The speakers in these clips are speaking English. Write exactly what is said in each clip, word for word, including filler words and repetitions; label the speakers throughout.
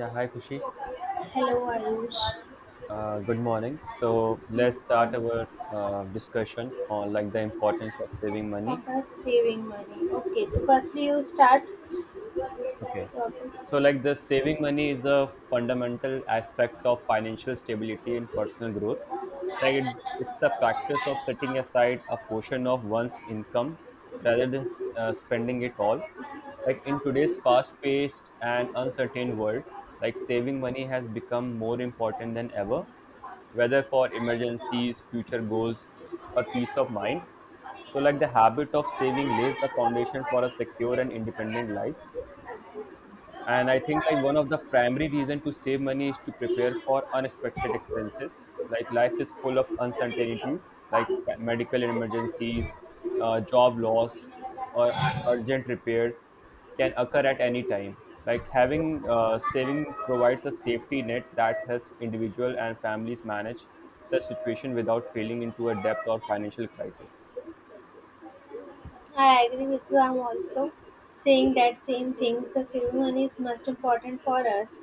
Speaker 1: Yeah, hi Kushi.
Speaker 2: Hello Ayush,
Speaker 1: Uh, good morning. So let's start
Speaker 2: you
Speaker 1: our uh, discussion on, like, the importance of saving money.
Speaker 2: saving money. Okay, so firstly you start.
Speaker 1: Okay. So, like, the saving money is a fundamental aspect of financial stability and personal growth. Like it's it's a practice of setting aside a portion of one's income rather than uh, spending it all. Like in today's fast-paced and uncertain world, like saving money has become more important than ever, whether for emergencies, future goals, or peace of mind. So, like the habit of saving lays the foundation for a secure and independent life, and I think, like, one of the primary reason to save money is to prepare for unexpected expenses. Like life is full of uncertainties, like medical emergencies, uh, job loss, or urgent repairs, can occur at any time. Like having uh, saving provides a safety net that helps individual and families manage such situation without falling into a debt or financial crisis.
Speaker 2: I agree with you. I'm also saying that same thing. The saving money is most important for us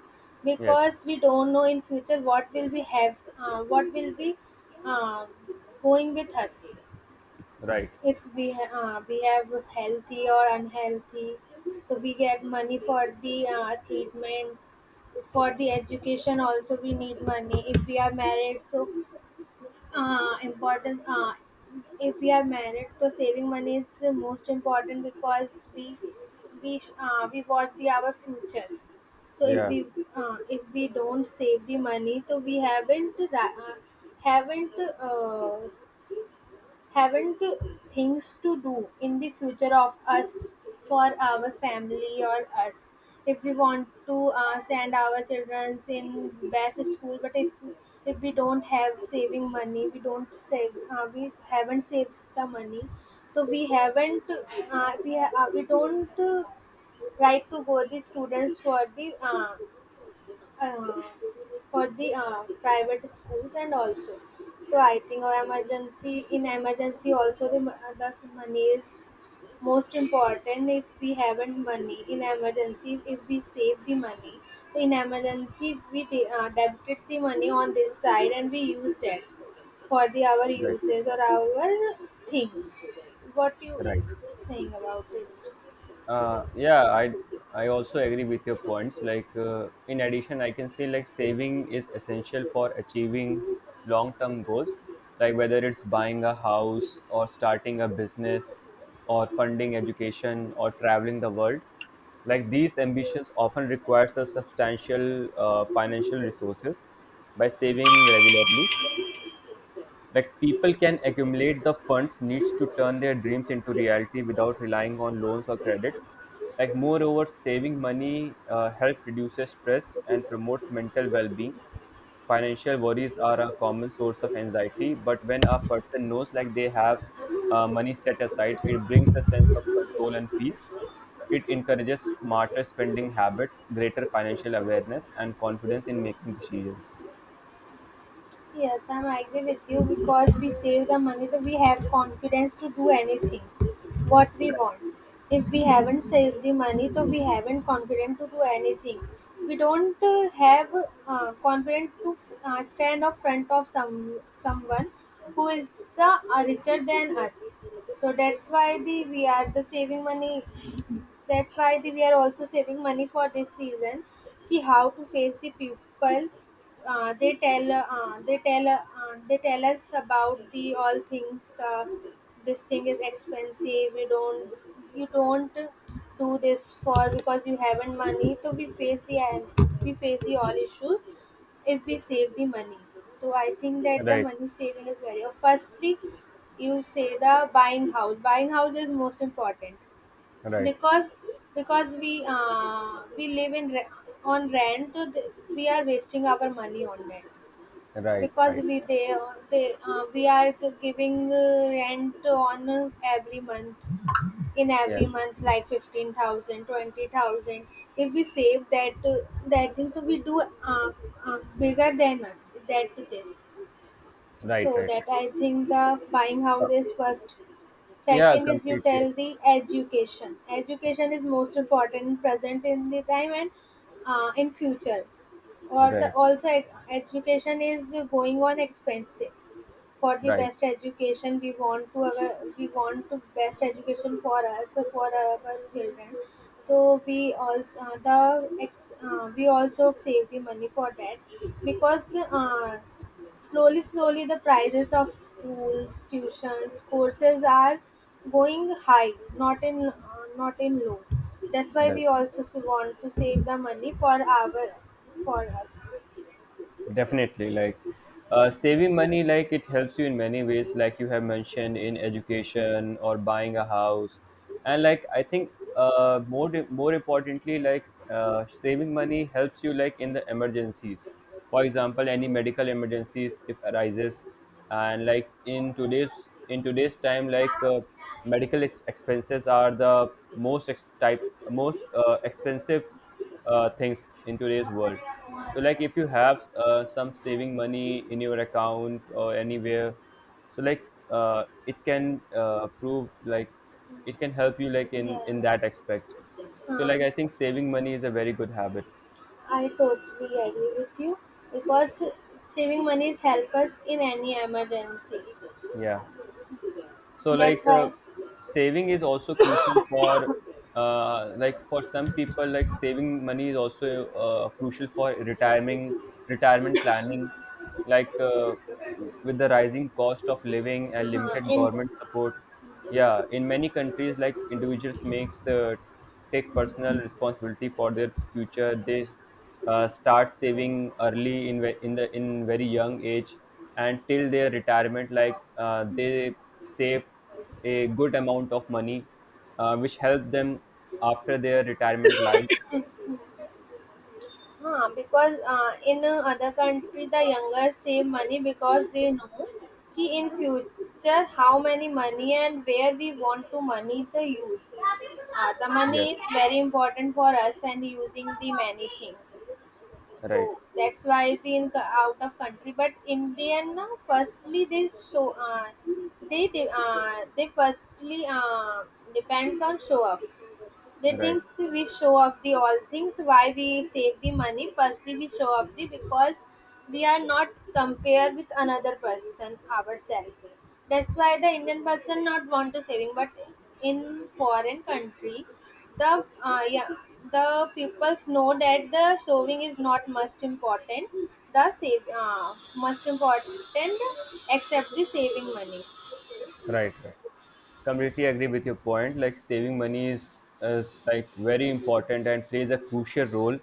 Speaker 1: Yes.
Speaker 2: because we don't know in future what will we have, uh, what will be uh, going with us.
Speaker 1: Right.
Speaker 2: If we ha- uh, we have healthy or unhealthy, so we get money for the uh, treatments. For the education also we need money. If we are married, so uh, important uh, if we are married, so saving money is the most important because we we uh, we watch the our future. So if
Speaker 1: Yeah.
Speaker 2: we uh, if we don't save the money, so we haven't ra- uh, haven't, uh, haven't things to do in the future of us, for our family or us. If we want to uh, send our children in best school, but if if we don't have saving money, we don't save, uh, we haven't saved the money, so we haven't, uh, we, ha- uh, we don't, uh, right to go the students for the uh, uh, for the uh, private schools and also. So I think our emergency, in emergency also the, mo- uh, the money is most important. If we haven't money in emergency, if we save the money, so in emergency we de- uh, debited the money on this side and we used it for the our
Speaker 1: Right,
Speaker 2: uses or our things. What you
Speaker 1: right.
Speaker 2: saying about it?
Speaker 1: Uh, yeah i i also agree with your points. Like, uh, in addition I can say, like, saving is essential for achieving long term goals, like whether it's buying a house or starting a business or funding education or traveling the world. Like these ambitions often requires a substantial uh, financial resources. By saving regularly, like people can accumulate the funds needs to turn their dreams into reality without relying on loans or credit. Like, moreover, saving money uh, help reduces stress and promotes mental well-being. Financial worries are a common source of anxiety, but when a person knows, like, they have uh, money set aside, it brings a sense of control and peace. It encourages smarter spending habits, greater financial awareness, and confidence in making decisions.
Speaker 2: Yes, I'm agree with you, because we save the money, so we have confidence to do anything what we
Speaker 1: Right,
Speaker 2: want. If we haven't saved the money, so we haven't confidence to do anything. We don't uh, have, uh, confidence to, uh, stand up front of some someone who is the, uh, richer than us. So that's why the we are the saving money, that's why the we are also saving money for this reason कि how to face the people. Uh, they tell uh, they tell uh, they tell us about the all things: the this thing is expensive, you don't, you don't do this for, because you haven't money. So we face, the we face the all issues if we save the money. So I think that the
Speaker 1: right,
Speaker 2: money saving is very firstly, you say the buying house, buying house is most important,
Speaker 1: right,
Speaker 2: because because we uh, we live in re- on rent, so th- we are wasting our money on rent,
Speaker 1: right,
Speaker 2: because
Speaker 1: right.
Speaker 2: we they, they uh, we are g- giving uh, rent on uh, every month, in
Speaker 1: Yes,
Speaker 2: every month, like fifteen thousand twenty thousand. If we save that uh, that thing, so we do, uh, uh, bigger than us, that this. So
Speaker 1: right, right.
Speaker 2: that I think the buying house
Speaker 1: Com-
Speaker 2: is first.
Speaker 1: Yeah,
Speaker 2: Second is you
Speaker 1: completely.
Speaker 2: tell the education, education is most important present in the time and uh, in future. Or the
Speaker 1: Right,
Speaker 2: also e- education is going on expensive. For the
Speaker 1: right,
Speaker 2: best education, we want to our, we want to best education for us, for our children, so we also, uh, the ex, uh, we also save the money for that. Because uh, slowly, slowly the prices of schools, tuitions, courses are going high, not in uh, not in low. That's why
Speaker 1: right.
Speaker 2: we also s- want to save the money for our, for us.
Speaker 1: Definitely, like, uh, saving money, like it helps you in many ways, like you have mentioned in education or buying a house, and, like, I think uh, more di- more importantly, like, uh, saving money helps you, like, in the emergencies. For example, any medical emergencies if arises, and like in today's in today's time, like uh, medical ex- expenses are the most ex- type most uh, expensive uh, things in today's world. So, like if you have uh, some saving money in your account or anywhere, so, like, uh, it can uh, prove, like, it can help you, like, in in
Speaker 2: Yes,
Speaker 1: that aspect. So,
Speaker 2: uh,
Speaker 1: like, I think saving money is a very good habit.
Speaker 2: I totally agree with you, because saving money help us in any emergency.
Speaker 1: Yeah. So,
Speaker 2: That's
Speaker 1: like, uh,
Speaker 2: why,
Speaker 1: saving is also crucial for uh, like for some people, like saving money is also uh, crucial for retirement retirement planning. Like, uh, with the rising cost of living and
Speaker 2: uh,
Speaker 1: limited
Speaker 2: in.
Speaker 1: government support. Yeah, in many countries, like individuals makes uh, take personal responsibility for their future. They uh, start saving early in ve- in the in very young age, and till their retirement, like, uh, they save a good amount of money, uh, which help them after their retirement life.
Speaker 2: Huh, because uh, in uh, other country the younger save money because they know कि in future how many money and where we want to money to use. Uh, the money is
Speaker 1: Yes,
Speaker 2: very important for us and using the many things.
Speaker 1: right,
Speaker 2: So that's why the in, out of country. But Indian now firstly they show uh, they de- uh, they firstly, uh, depends on show off. They
Speaker 1: right.
Speaker 2: thinks we show off the all things, why we save the money? Firstly, we show off the, because we are not compare with another person ourselves. That's why the Indian person not want to saving, but in foreign country, the, uh, yeah the peoples know that the saving is not most important. The save, uh, most important, except the saving money.
Speaker 1: Right, right. Completely agree with your point, like saving money is is, like, very important and plays a crucial role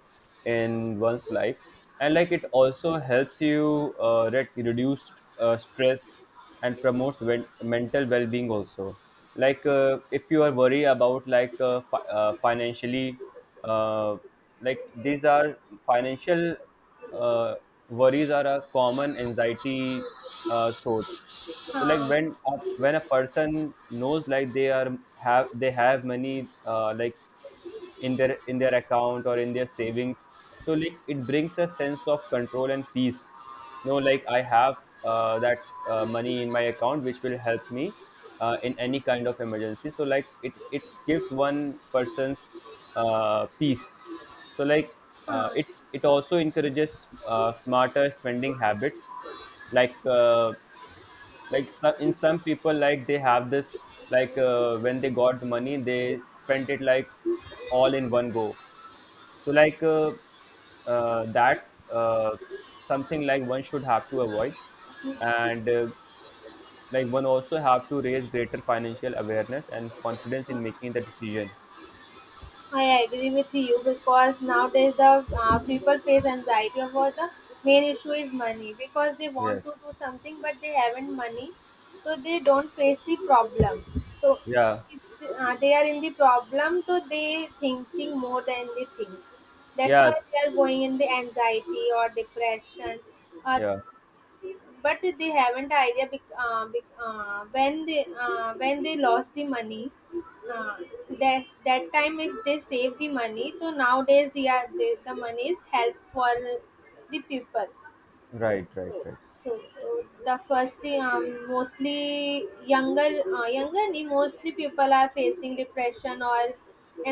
Speaker 1: in one's life. And, like, it also helps you uh, re- reduce uh, stress and promotes wen- mental well-being also. Like, uh, if you are worried about, like, uh, fi- uh, financially. Uh, like these are financial uh, worries, are a common anxiety uh, source. So, like, when a, when a person knows, like, they are have they have money, uh, like, in their in their account or in their savings, so, like, it brings a sense of control and peace. No, like, I have uh, that uh, money in my account which will help me uh, in any kind of emergency. So, like, it it gives one person's uh, peace. So, like, uh,
Speaker 2: Uh,
Speaker 1: it it also encourages uh, smarter spending habits, like. Uh, like some, in some people, like they have this, like, uh, when they got the money they spent it, like, all in one go. So, like, uh, uh, that's uh, something, like, one should have to avoid. And uh, like, one also have to raise greater financial awareness and confidence in making the decision.
Speaker 2: I agree with you because nowadays the, uh, people face anxiety about the main issue is money, because they want to
Speaker 1: Yes.
Speaker 2: do something but they haven't money, so they don't face the problem. So
Speaker 1: Yeah.
Speaker 2: it's, uh, they are in the problem, so they thinking more than they think. That's why
Speaker 1: Yes.
Speaker 2: they are going in the anxiety or depression or,
Speaker 1: Yeah.
Speaker 2: but they haven't idea bec- uh, bec- uh, when they uh, when they lost the money, uh, that that time if they save the money, so nowadays they are they, the money is help for the people.
Speaker 1: Right, right, right,
Speaker 2: So uh, the firstly um, mostly younger, uh, younger ni mostly people are facing depression or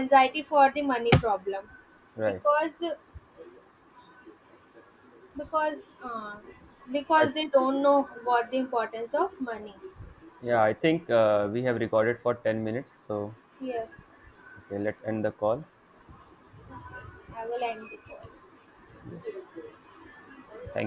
Speaker 2: anxiety for the money problem,
Speaker 1: right.
Speaker 2: because because uh,
Speaker 1: I,
Speaker 2: because they don't know what the importance of money.
Speaker 1: yeah, I think uh, we have recorded for ten minutes, so
Speaker 2: Yes,
Speaker 1: okay, let's end the call.
Speaker 2: I will end the call.
Speaker 1: Yes. Thank you.